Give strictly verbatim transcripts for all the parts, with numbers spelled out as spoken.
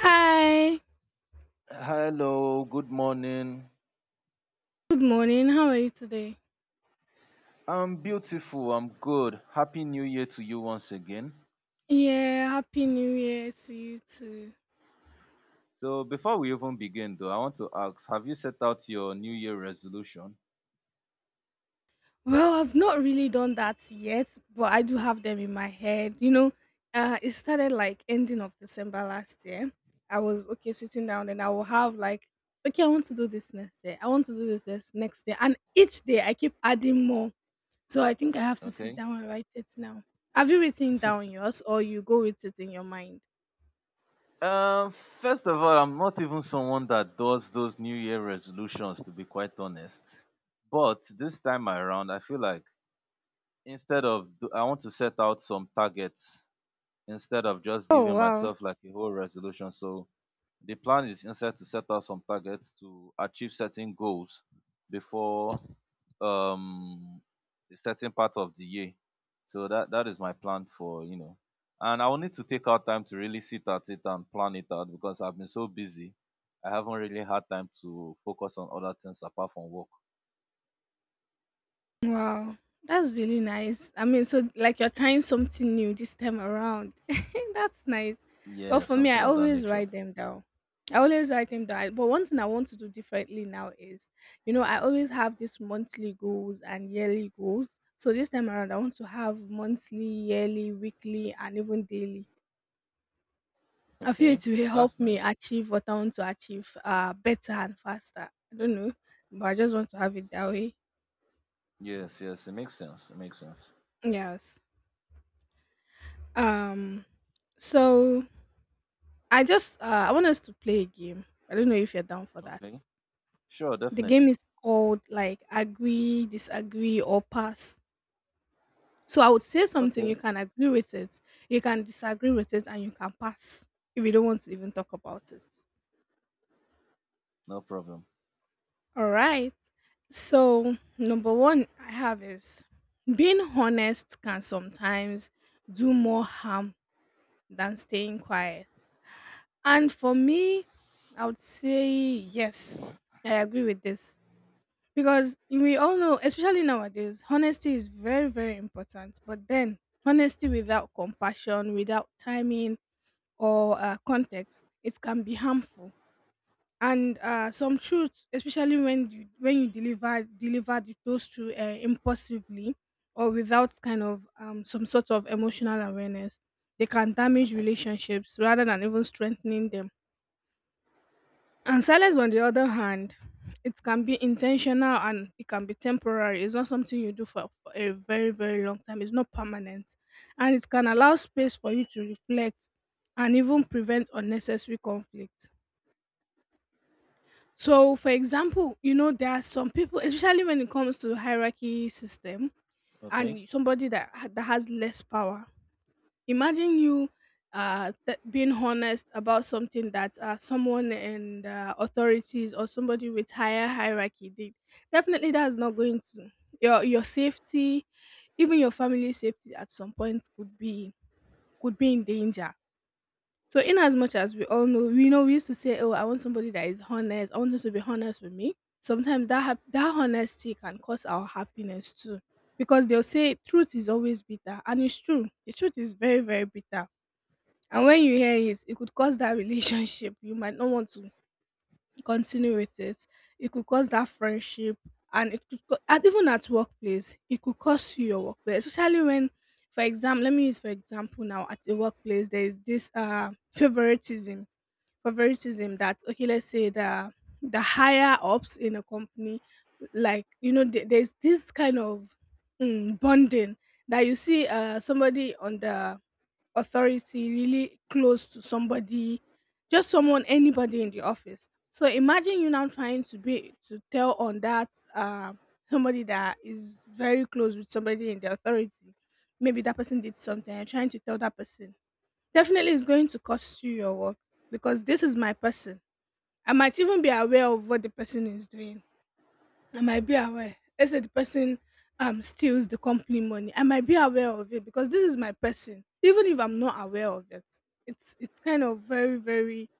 Hi. Hello, good morning. Good morning. How are you today? I'm beautiful, I'm good. Happy New Year to you once again. Yeah, happy new year to you too. So, before we even begin, though, I want to ask, have you set out your New Year resolution? Well, I've not really done that yet, but I do have them in my head. You know, uh it started like ending of December last year. I was okay sitting down and I will have like okay, I want to do this next year. I want to do this this next year. And each day I keep adding more. So I think I have to sit Okay. down and write it now. Have you written down yours or you go with it in your mind? Um, first of all, I'm not even someone that does those New Year resolutions, to be quite honest. But this time around, I feel like instead of, do- I want to set out some targets instead of just Oh giving wow. myself like a whole resolution. So, the plan is instead to set out some targets to achieve certain goals before um a certain part of the year. So that that is my plan for, you know, and I will need to take out time to really sit at it and plan it out because I've been so busy. I haven't really had time to focus on other things apart from work. Wow, that's really nice. I mean, so like you're trying something new this time around. That's nice. Well, Yeah, for me, something I of that always nature. write them down. I always write them down. But one thing I want to do differently now is, you know, I always have these monthly goals and yearly goals. So this time around, I want to have monthly, yearly, weekly, and even daily. I feel Okay, it will help that's me nice. achieve what I want to achieve uh, better and faster. I don't know, but I just want to have it that way. Yes, yes, it makes sense. It makes sense. Yes. Um, So I just uh, I want us to play a game. I don't know if you're down for that. Okay, sure, The game definitely. is called like agree, disagree, or pass. So I would say something, you Okay, can agree with it, you can disagree with it, and you can pass if you don't want to even talk about it. no problem. All right. So number one I have is being honest can sometimes do more harm than staying quiet. And for me, I would say yes. I agree with this. Because we all know, especially nowadays, honesty is very, very important. But then, honesty without compassion, without timing or uh, context, it can be harmful. And uh, some truth, especially when you when you deliver deliver the- those truth uh, impulsively or without kind of um, some sort of emotional awareness, they can damage relationships rather than even strengthening them. And silence, on the other hand, it can be intentional and it can be temporary. It's not something you do for, for a very, very long time. It's not permanent. And it can allow space for you to reflect and even prevent unnecessary conflict. So, for example, you know, there are some people, especially when it comes to hierarchy system Okay, and somebody that, ha- that has less power. Imagine you uh th- being honest about something that uh, someone and uh, authorities or somebody with higher hierarchy did. Definitely, that's not going to, your, your safety, even your family's safety at some point could be, could be in danger. So in as much as we all know, we know we used to say, oh, I want somebody that is honest, I want them to be honest with me. Sometimes that hap- that honesty can cause our happiness too, because they'll say truth is always bitter, and it's true, the truth is very, very bitter. And when you hear it, it could cause that relationship. You might not want to continue with it. It could cause that friendship, and it could, co- and even at workplace, it could cost you your workplace. Especially when, for example, let me use for example now, at the workplace, there is this uh favoritism, favoritism, that okay, let's say the the higher ups in a company, like you know, there- there's this kind of mm, bonding that you see uh somebody on the authority really close to somebody, just someone, anybody in the office. So imagine you now trying to be to tell on that, uh, somebody that is very close with somebody in the authority, maybe that person did something, and trying to tell that person. Definitely it's going to cost you your work, because this is my person. I might even be aware of what the person is doing. I might be aware. Let's say the person um steals the company money. I might be aware of it, because this is my person. Even if I'm not aware of it, it's it's kind of very, very,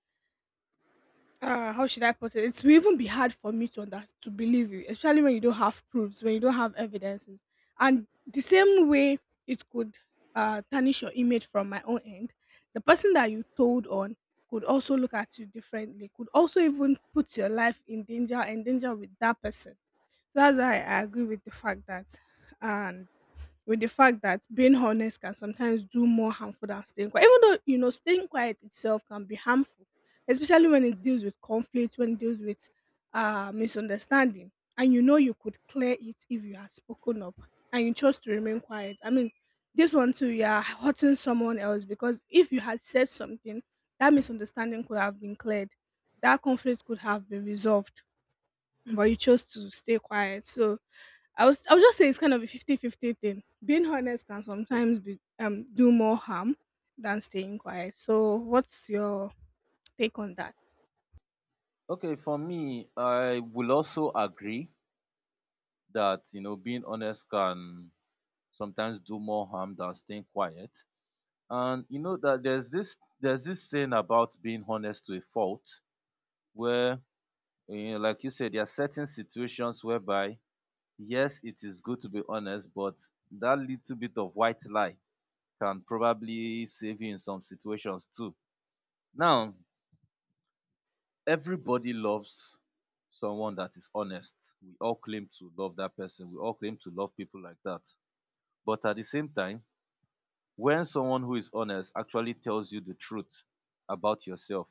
uh how should I put it? It will even be hard for me to under- to believe you, especially when you don't have proofs, when you don't have evidences. And the same way, it could uh tarnish your image. From my own end, the person that you told on could also look at you differently, could also even put your life in danger, endanger with that person. So that's why I agree with the fact that, and with the fact that being honest can sometimes do more harmful than staying quiet. Even though, you know, staying quiet itself can be harmful, especially when it deals with conflict, when it deals with uh, misunderstanding. And you know, you could clear it if you had spoken up and you chose to remain quiet. I mean, this one too, you are hurting someone else, because if you had said something, that misunderstanding could have been cleared, that conflict could have been resolved, but you chose to stay quiet. So, I was I would just say it's kind of a fifty-fifty thing. Being honest can okay. sometimes be um do more harm than staying quiet. So what's your take on that? Okay, for me, I will also agree that, you know, being honest can sometimes do more harm than staying quiet. And you know that there's this there's this saying about being honest to a fault where, you know, like you said, there are certain situations whereby yes, it is good to be honest, but that little bit of white lie can probably save you in some situations too. Now, everybody loves someone that is honest. We all claim to love that person. We all claim to love people like that. But at the same time, when someone who is honest actually tells you the truth about yourself,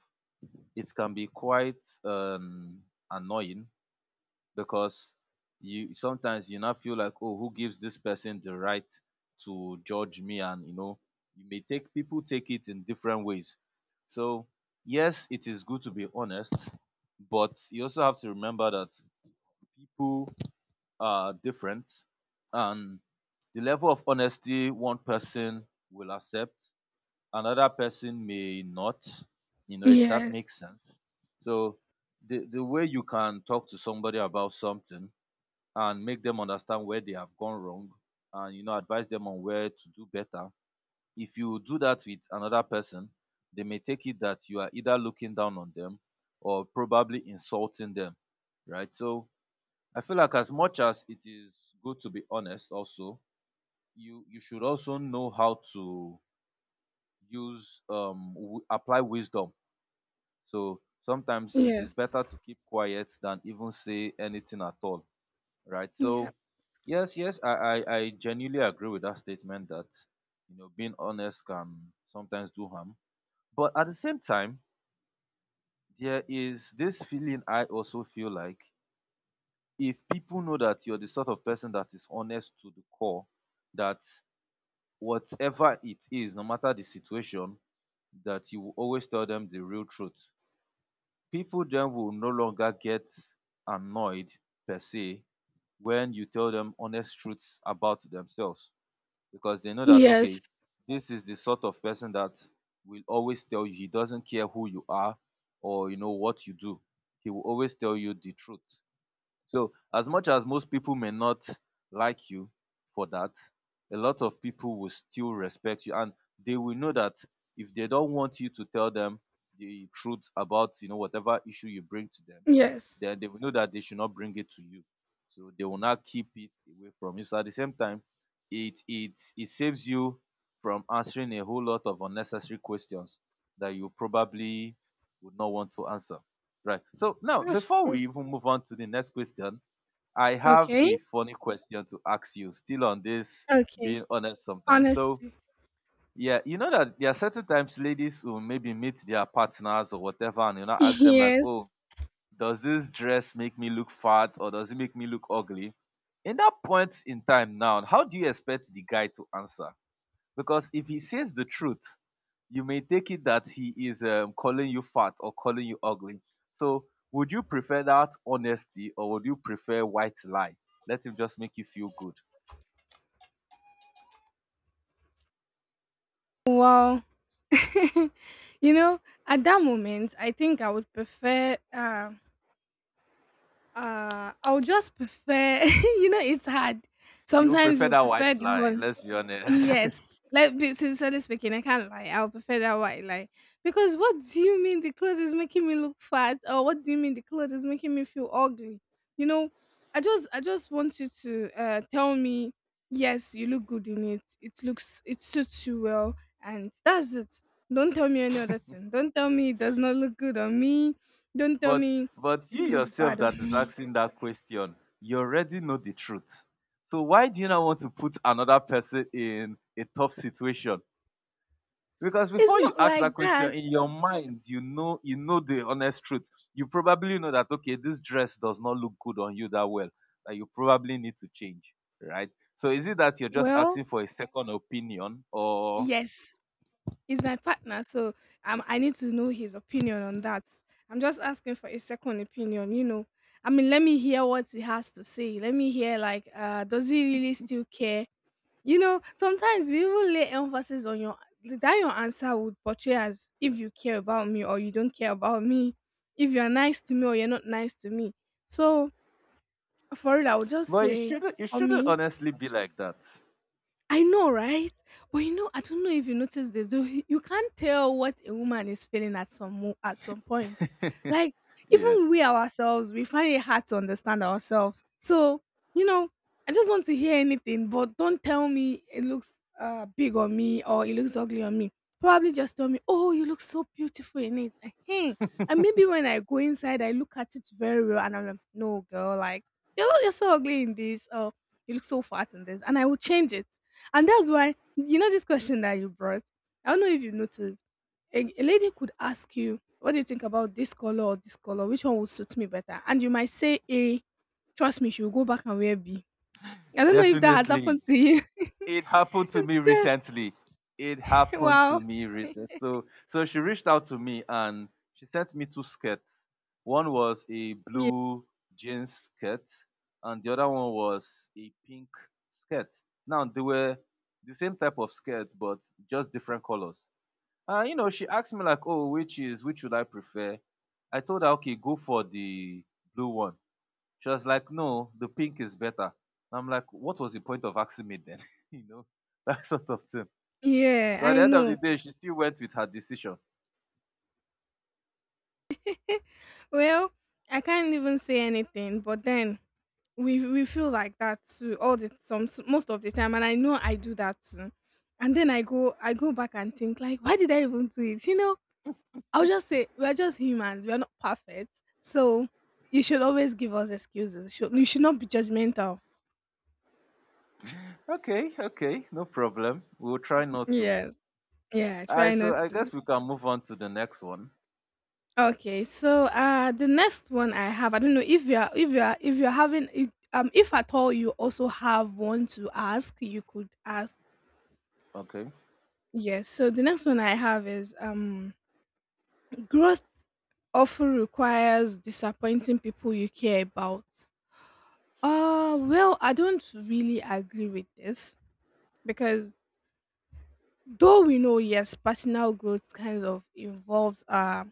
it can be quite um, annoying because you sometimes you now feel like, oh, who gives this person the right to judge me? And you know you may take, people take it in different ways. So yes, it is good to be honest, but you also have to remember that people are different, and the level of honesty one person will accept another person may not, you know, if that Yes. makes sense. So the the way you can talk to somebody about something and make them understand where they have gone wrong, and you know advise them on where to do better, if you do that with another person, they may take it that you are either looking down on them or probably insulting them, right? So I feel like as much as it is good to be honest also, you you should also know how to use um w- apply wisdom. So sometimes it is Yes. better to keep quiet than even say anything at all, right? Yeah. So yes, yes, I, I, I genuinely agree with that statement that, you know being honest can sometimes do harm. But at the same time, there is this feeling I also feel like if people know that you're the sort of person that is honest to the core, that whatever it is, no matter the situation, that you will always tell them the real truth. People then will no longer get annoyed per se when you tell them honest truths about themselves, because they know that, Yes. okay, this is the sort of person that will always tell you, he doesn't care who you are or you know what you do, he will always tell you the truth. So as much as most people may not like you for that, a lot of people will still respect you, and they will know that if they don't want you to tell them the truth about, you know, whatever issue you bring to them, Yes. then they will know that they should not bring it to you. So they will not keep it away from you. So at the same time, it it it saves you from answering a whole lot of unnecessary questions that you probably would not want to answer. Right. So now, That's before true. we even move on to the next question, I have Okay. a funny question to ask you, still on this Okay. being honest sometimes. So, Honesty. yeah, you know that there are certain times ladies will maybe meet their partners or whatever, and you know, ask them, like, Yes. oh, does this dress make me look fat, or does it make me look ugly? In that point in time now, how do you expect the guy to answer? Because if he says the truth, you may take it that he is, um, calling you fat or calling you ugly. So, would you prefer that honesty or would you prefer white lie? Let him just make you feel good. Wow. You know, at that moment I think I would prefer um uh, I would just prefer, you know, it's hard. You Sometimes prefer you that prefer white the lie, whole. let's be honest. Yes, like be- sincerely speaking, I can't lie. I'll prefer that white lie, because what do you mean the clothes is making me look fat, or what do you mean the clothes is making me feel ugly? You know, I just I just want you to uh, tell me, yes, you look good in it. It looks, it suits you well, and that's it. Don't tell me any other thing. Don't tell me it does not look good on me. Don't tell But me but you it looks yourself bad on that is me. asking that question, you already know the truth. So why do you not want to put another person in a tough situation? Because It's before you not ask that like question, that. in your mind, you know you know the honest truth. You probably know that, okay, this dress does not look good on you that well. That you probably need to change, right? So is it that you're just Well, asking for a second opinion, or? yes, he's my partner, so um, I need to know his opinion on that. I'm just asking for a second opinion, you know. I mean, let me hear what he has to say. Let me hear, like, uh, does he really still care? You know, sometimes we even lay emphasis on your, that your answer would portray as if you care about me or you don't care about me, if you're nice to me or you're not nice to me. So for it, I would just But it say, shouldn't. It for shouldn't me, honestly be like that. I know, right? But you know, I don't know if you noticed this. Though, you can't tell what a woman is feeling at some mo- at some point. Like, Yeah, even we ourselves, we find it hard to understand ourselves. So, you know, I just want to hear anything, but don't tell me it looks uh big on me or it looks ugly on me. Probably just tell me, oh, you look so beautiful in it. Ehen. And maybe when I go inside, I look at it very well, and I'm like, no, girl, like, you're you're so ugly in this. Or you look so fat in this, and I will change it. And that's why, you know, this question that you brought, I don't know if you noticed, a, a lady could ask you, what do you think about this color or this color? Which one will suit me better? And you might say A, trust me, she will go back and wear B. I don't know if that has definitely. happened to you. It happened to me It's, recently. It uh, happened to wow. me recently. So so she reached out to me and she sent me two skirts. One was a Yeah. blue jeans skirt and the other one was a pink skirt. Now they were the same type of skirt, but just different colors. And you know, she asked me like, "Oh, which is which should I prefer?" I told her, "Okay, go for the blue one." She was like, no, the pink is better. And I'm like, what was the point of asking me then? You know, that sort of thing. Yeah, So at I the end of the know. day, she still went with her decision. Well, I can't even say anything, but then we we feel like that too all the some most of the time, and I know I do that too. And then i go I go back and think like, why did I even do it? You know, I'll just say we're just humans. We're not perfect. So you should always give us excuses. Should- You should not be judgmental. Okay, okay, no problem. We'll try not to. Yes. Yeah, All try right, so not I to. guess we can move on to the next one. Okay, so uh the next one I have, I don't know if you are if you are if you're having, if, um if at all you also have one to ask, you could ask. Okay. Yes. So the next one I have is um growth often requires disappointing people you care about. Uh well, I don't really agree with this, because though we know, yes, personal growth kind of involves uh,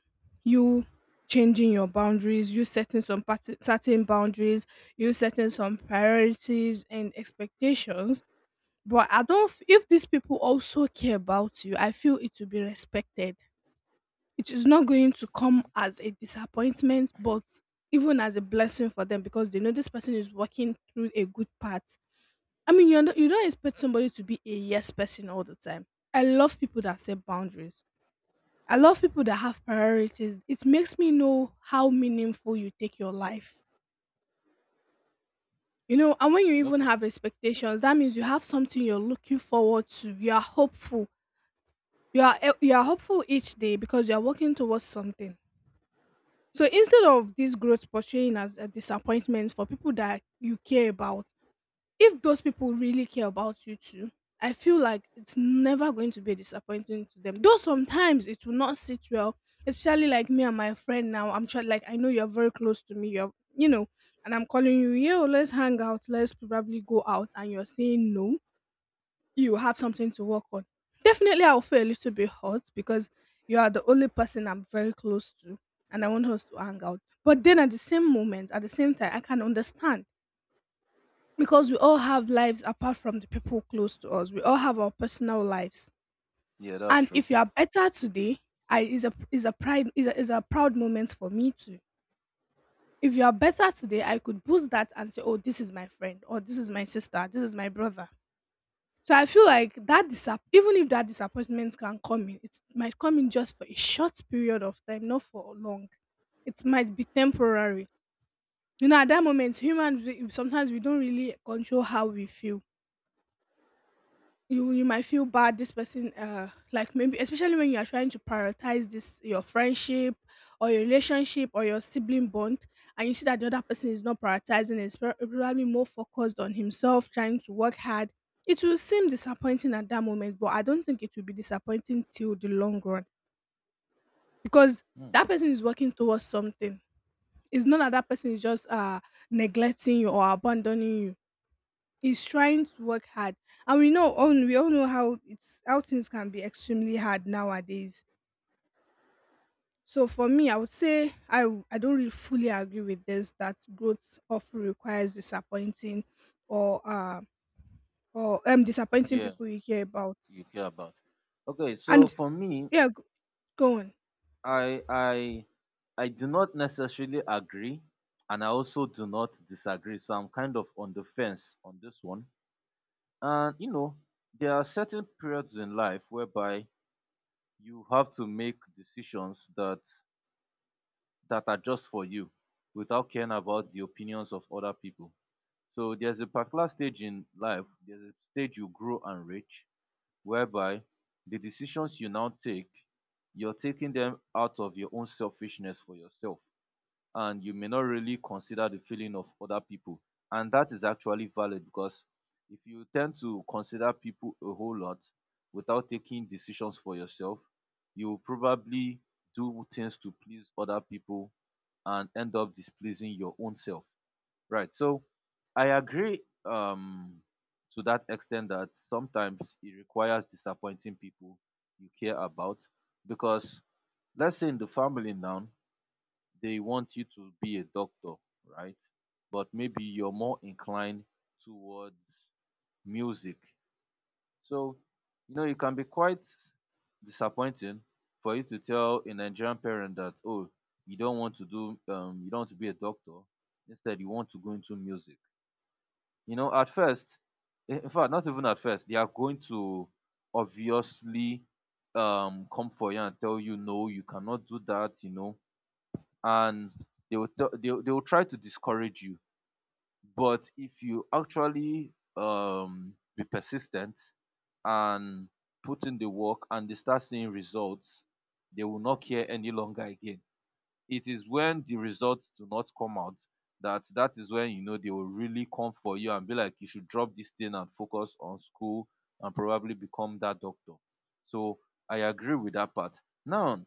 you changing your boundaries, you setting some part- certain boundaries, you setting some priorities and expectations. But I don't. f- If these people also care about you, I feel it will be respected. It is not going to come as a disappointment, but even as a blessing for them because they know this person is working through a good path. I mean, you don't- you don't expect somebody to be a yes person all the time. I love people that set boundaries. I love people that have priorities. It makes me know how meaningful you take your life. You know, and when you Nope. even have expectations, that means you have something you're looking forward to. You are hopeful. You are e- you are hopeful each day because you are working towards something. So instead of this growth portraying as a disappointment for people that you care about, if those people really care about you too, I feel like it's never going to be a disappointing to them. Though sometimes it will not sit well, especially like me and my friend now. I'm trying, like, I know you're very close to me. You're, you know, and I'm calling you, yo, let's hang out, let's probably go out, and you're saying no. You have something to work on. Definitely, I'll feel a little bit hurt because you are the only person I'm very close to, and I want us to hang out. But then at the same moment, at the same time, I can understand because we all have lives apart from the people close to us. We all have our personal lives. Yeah, that's And true. if you are better today, I is a is a pride is a, is a proud moment for me too. If you are better today, I could boost that and say, "Oh, this is my friend, or this is my sister, this is my brother." So I feel like that disapp- even if that disappointment can come in, it might come in just for a short period of time, not for long. It might be temporary. You know, at that moment, human re- sometimes we don't really control how we feel. You you might feel bad this person uh like maybe especially when you are trying to prioritize this your friendship or your relationship or your sibling bond, and you see that the other person is not prioritizing is pro- probably more focused on himself trying to work hard. It will seem disappointing at that moment, but I don't think it will be disappointing till the long run because Hmm. that person is working towards something. It's not that that person is just uh neglecting you or abandoning you. Is trying to work hard, and we know all we all know how it's how things can be extremely hard nowadays. So for me, I would say i w- I don't really fully agree with this, that growth often requires disappointing or uh or um disappointing Yeah, people you care about. you care about. Okay, so And for me, yeah g- go on. I I I do not necessarily agree, and I also do not disagree. So I'm kind of on the fence on this one. And you know, there are certain periods in life whereby you have to make decisions that that are just for you without caring about the opinions of other people. So there's a particular stage in life, there's a stage you grow and reach whereby the decisions you now take, you're taking them out of your own selfishness for yourself, and you may not really consider the feeling of other people. And that is actually valid because if you tend to consider people a whole lot without taking decisions for yourself, you will probably do things to please other people and end up displeasing your own self. Right. So I agree, um, to that extent that sometimes it requires disappointing people you care about, because let's say in the family now, they want you to be a doctor, right? But maybe you're more inclined towards music. So, you know, it can be quite disappointing for you to tell a Nigerian parent that, oh, you don't want to do, um, you don't want to be a doctor. Instead, you want to go into music. You know, at first, in in fact, not even at first, they are going to obviously um come for you and tell you, no, you cannot do that, you know and they will tell they will they will try to discourage you. But if you actually, um, be persistent and put in the work and they start seeing results, they will not care any longer again. It is when the results do not come out that that is when you know they will really come for you and be like, you should drop this thing and focus on school and probably become that doctor. So I agree with that part. Now,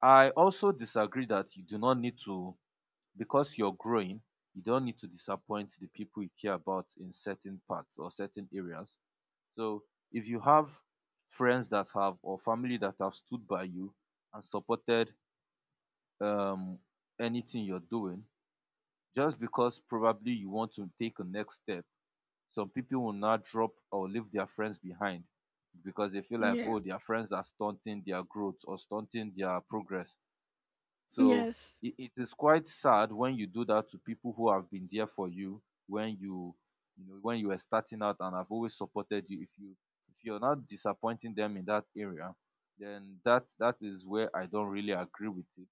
I also disagree that you do not need to, because you're growing, you don't need to disappoint the people you care about in certain parts or certain areas. So if you have friends that have or family that have stood by you and supported, um, anything you're doing, just because probably you want to take a next step, some people will now drop or leave their friends behind because they feel like, Yeah. oh, their friends are stunting their growth or stunting their progress. So Yes. it, it is quite sad when you do that to people who have been there for you when you you know when you were starting out and have always supported you. If you if you're not disappointing them in that area, then that that is where I don't really agree with it.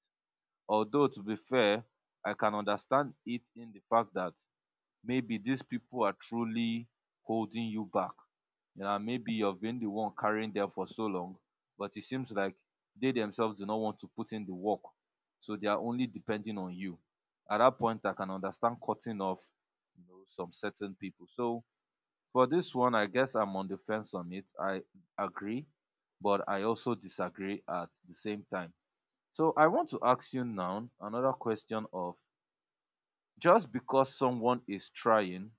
Although to be fair, I can understand it in the fact that maybe these people are truly holding you back. You know, maybe you've been the one carrying them for so long, but it seems like they themselves do not want to put in the work. So they are only depending on you. At that point, I can understand cutting off, you know, some certain people. So for this one, I guess I'm on the fence on it. I agree, but I also disagree at the same time. So I want to ask you now another question of, just because someone is trying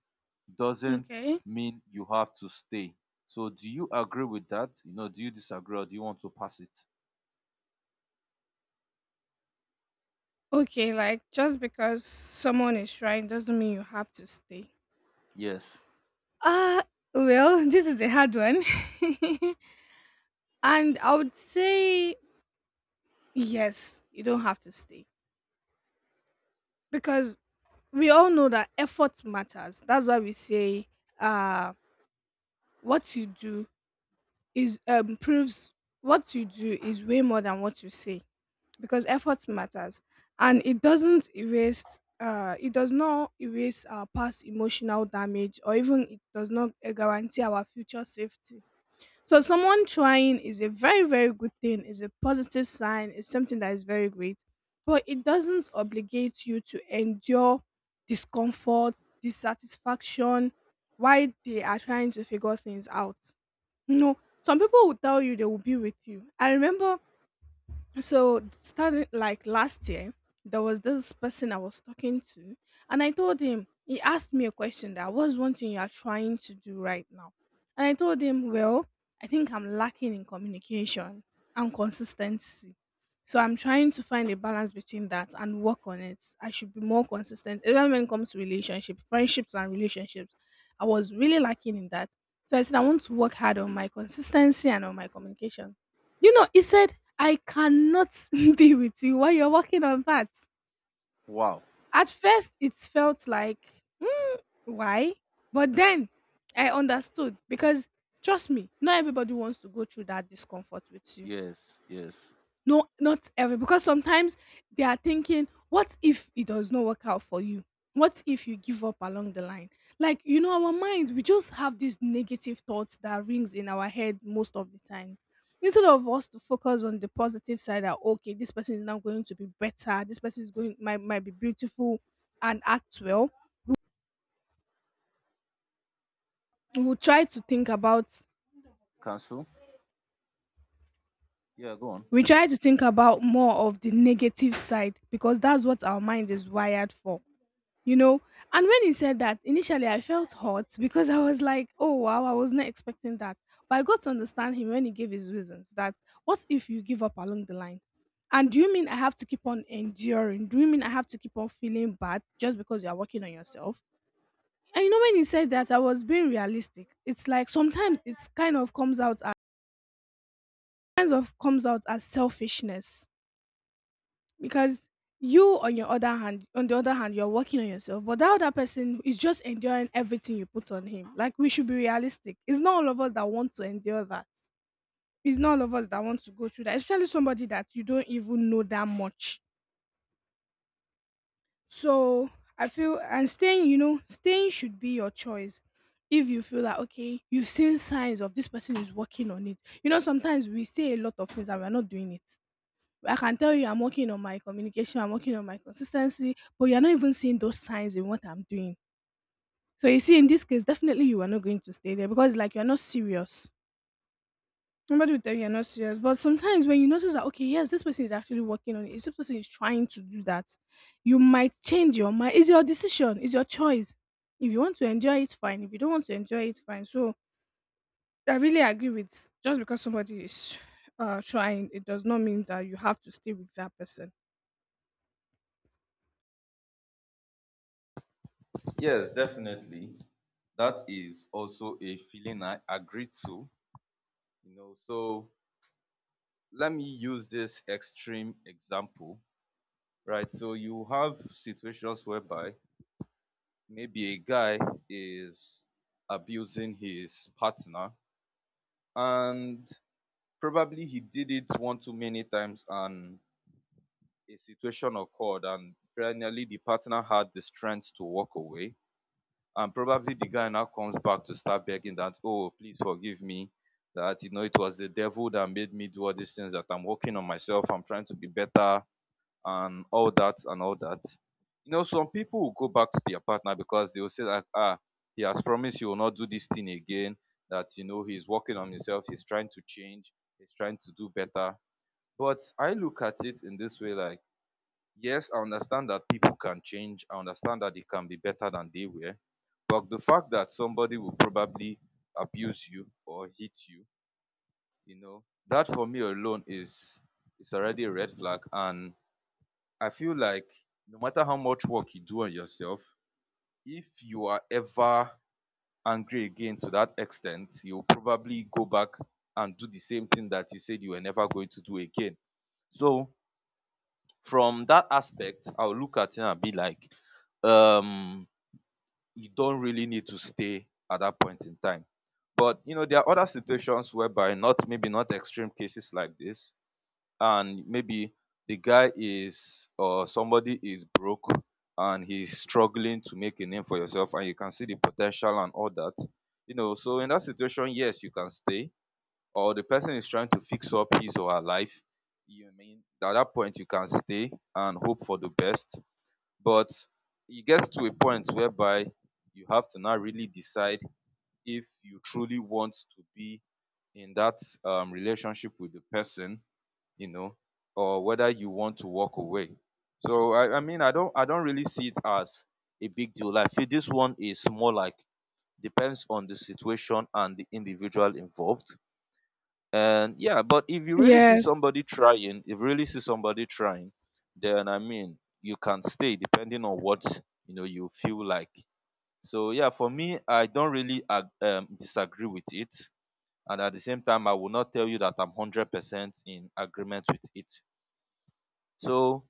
doesn't Okay. mean you have to stay. So do you agree with that? You know, do you disagree or do you want to pass it? Okay, like just because someone is trying doesn't mean you have to stay. Yes. uh well, this is a hard one. And I would say yes, you don't have to stay because we all know that effort matters. That's why we say uh what you do is um proves what you do is way more than what you say, because effort matters, and it doesn't erase, uh it does not erase our past emotional damage, or even it does not guarantee our future safety. So someone trying is a very, very good thing, is a positive sign, is something that is very great. But it doesn't obligate you to endure discomfort, dissatisfaction while they are trying to figure things out. No, some people will tell you they will be with you. I remember, so starting like last year, there was this person I was talking to, and I told him, he asked me a question that what's one thing you are trying to do right now, and I told him, well, I think I'm lacking in communication and consistency. So I'm trying to find a balance between that and work on it. I should be more consistent. Even when it comes to relationships, friendships and relationships, I was really lacking in that. So I said I want to work hard on my consistency and on my communication. You know, he said I cannot deal with you while you're working on that. Wow. At first, it felt like, mm, why? But then I understood because trust me, not everybody wants to go through that discomfort with you. Yes. Yes. No, not every because sometimes they are thinking, what if it does not work out for you? What if you give up along the line? Like, you know, our mind, we just have these negative thoughts that rings in our head most of the time. Instead of us to focus on the positive side that okay, this person is now going to be better, this person is going might might be beautiful and act well, we will try to think about Cancel? Yeah, go on. we try to think about more of the negative side, because that's what our mind is wired for, you know. And when he said that initially, I felt hot because I was like, oh wow, I was not expecting that. But I got to understand him when he gave his reasons that what if you give up along the line, and do you mean I have to keep on enduring, do you mean I have to keep on feeling bad just because you are working on yourself? And you know, when he said that, I was being realistic. It's like sometimes it's kind of comes out as kind of comes out as selfishness, because you on your other hand on the other hand you're working on yourself, but that other person is just enduring everything you put on him. Like, we should be realistic, it's not all of us that want to endure that. It's not all of us that want to go through that, especially somebody that you don't even know that much. So I feel, and staying you know staying should be your choice. If you feel like okay, you've seen signs of this person is working on it, you know, sometimes we say a lot of things and we're not doing it. I can tell you I'm working on my communication, I'm working on my consistency, but you're not even seeing those signs in what I'm doing. So you see, in this case, definitely you are not going to stay there because like you're not serious. Nobody will tell you you're not serious. But sometimes when you notice that okay, yes, this person is actually working on it, this person is trying to do that, you might change your mind. It's your decision, it's your choice. If you want to enjoy it, fine. If you don't want to enjoy it, fine. So I really agree with, just because somebody is uh trying, it does not mean that you have to stay with that person. Yes, definitely. That is also a feeling I agree to. You know, so let me use this extreme example, right? So you have situations whereby maybe a guy is abusing his partner, and probably he did it one too many times and a situation occurred and finally the partner had the strength to walk away, and probably the guy now comes back to start begging that, oh, please forgive me, that you know it was the devil that made me do all these things, that I'm working on myself, I'm trying to be better, and all that, and all that. You know, some people will go back to their partner because they will say like, ah, he has promised he will not do this thing again, that you know he's working on himself, he's trying to change, he's trying to do better. But I look at it in this way, like, yes, I understand that people can change. I understand that it can be better than they were. But the fact that somebody will probably abuse you or hit you, you know, that for me alone is is already a red flag. And I feel like no matter how much work you do on yourself, if you are ever angry again to that extent, you'll probably go back and do the same thing that you said you were never going to do again. So from that aspect, I will look at it and be like, um, you don't really need to stay at that point in time. But you know, there are other situations whereby not, maybe not extreme cases like this, and maybe the guy is, or somebody is broke and he's struggling to make a name for yourself, and you can see the potential and all that. You know, so in that situation, yes, you can stay, or the person is trying to fix up his or her life, you mean at that point you can stay and hope for the best. But e get to a point whereby you have to now really decide if you truly want to be in that um relationship with the person, you know, or whether you want to walk away. So I, I mean, I don't I don't really see it as a big deal. I feel this one is more like depends on the situation and the individual involved. And yeah, but if you really see Yes. somebody trying, if you really see somebody trying, then I mean, you can stay depending on what you know you feel like. So yeah, for me, I don't really ag- um, disagree with it, and at the same time, I will not tell you that I'm hundred percent in agreement with it. So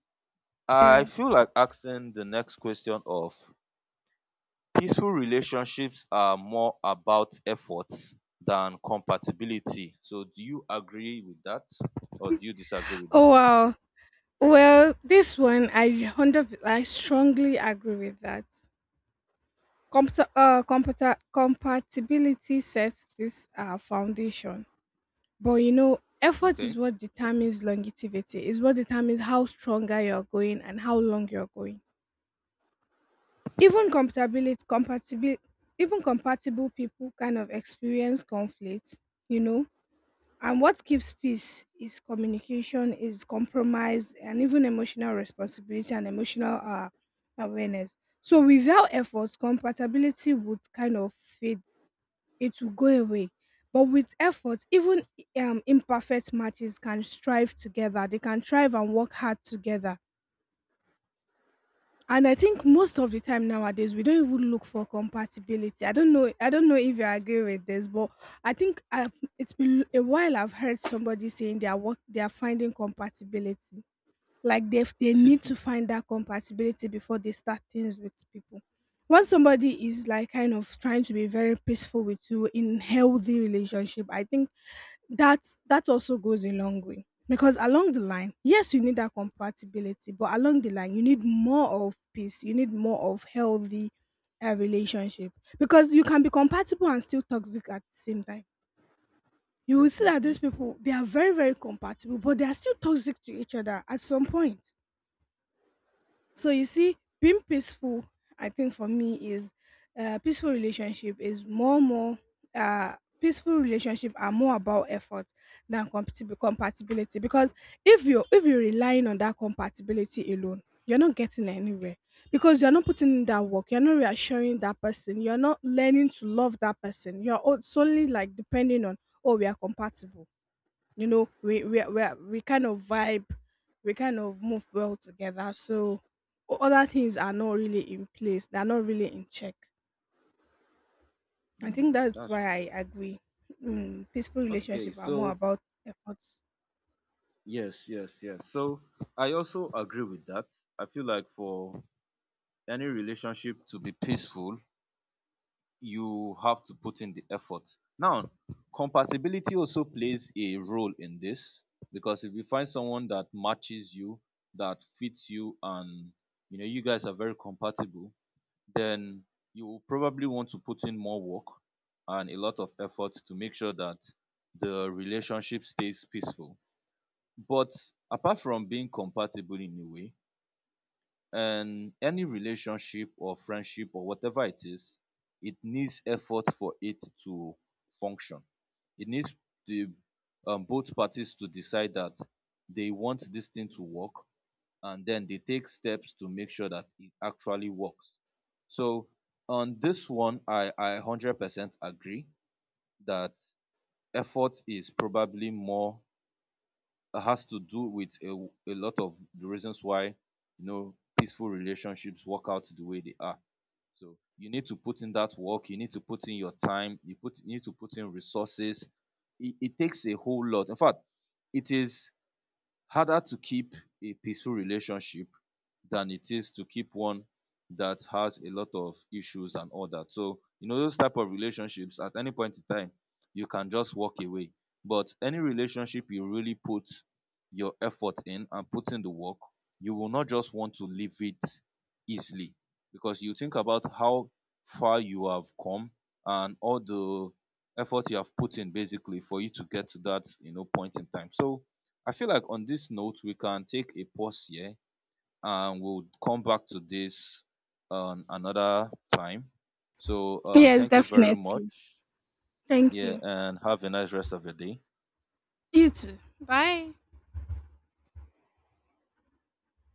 I Yeah. feel like asking the next question of, peaceful relationships are more about efforts than compatibility. So, do you agree with that or do you disagree with that? Oh wow. Well, this one I hundred I strongly agree with that. Computer uh computer Compatibility sets this uh foundation. But you know, effort is Okay, what determines longevity, is what determines how stronger you're going and how long you're going. Even compatibility compatible, even compatible people kind of experience conflicts, you know. And what keeps peace is communication, is compromise, and even emotional responsibility and emotional, uh, awareness. So without effort, compatibility would kind of fade. It will go away. But with effort, even um, imperfect matches can strive together. They can thrive and work hard together. And I think most of the time nowadays we don't even look for compatibility. I don't know. I don't know if you agree with this, but I think I've, it's been a while. I've heard somebody saying they are work, they are finding compatibility, like they, they need to find that compatibility before they start things with people. Once somebody is like kind of trying to be very peaceful with you in healthy relationship, I think that's that also goes a long way, because along the line yes, you need that compatibility, but along the line you need more of peace, you need more of healthy, uh, relationship, because you can be compatible and still toxic at the same time. You will see that these definitely. people, they are very, very compatible, but they are still toxic to each other at some point. So you see, being peaceful, I think for me is, uh, peaceful relationship is more more uh peaceful relationship are more about effort than compati- compatibility, because if you are if you're relying on that compatibility alone, you're not getting anywhere, because you're not putting in that work, you're not reassuring that person, you're not learning to love that person, you're o- solely like depending on, oh, we are compatible. You know, we we we, are- we kind of vibe, we kind of move well together. So o- other things are not really in place, they're not really in check. I think Mm, that's that's why true. I agree, mm, peaceful Okay, relationship are more so about efforts. yes, yes, yes. So, I also agree with that. I feel like for any relationship to be peaceful, you have to put in the effort. Now, compatibility also plays a role in this because if you find someone that matches you, that fits you, and you know you guys are very compatible, then you will probably want to put in more work and a lot of effort to make sure that the relationship stays peaceful. But apart from being compatible in a way, and any relationship or friendship or whatever it is, it needs effort for it to function. It needs the um, both parties to decide that they want this thing to work and then they take steps to make sure that it actually works. So on this one, I, I one hundred percent agree that effort is probably more, has to do with a a lot of the reasons why you know peaceful relationships work out the way they are. So you need to put in that work, you need to put in your time, you put you need to put in resources. It, it takes a whole lot. In fact, it is harder to keep a peaceful relationship than it is to keep one that has a lot of issues and all that. So, you know, those type of relationships at any point in time, you can just walk away. But any relationship you really put your effort in and put in the work, you will not just want to leave it easily because you think about how far you have come and all the effort you have put in basically for you to get to that you know point in time. So I feel like on this note, we can take a pause here and we'll come back to this on another time. So, uh, Yes, thank you very definitely. much. Thank Yeah, you. and have a nice rest of your day. You too, bye.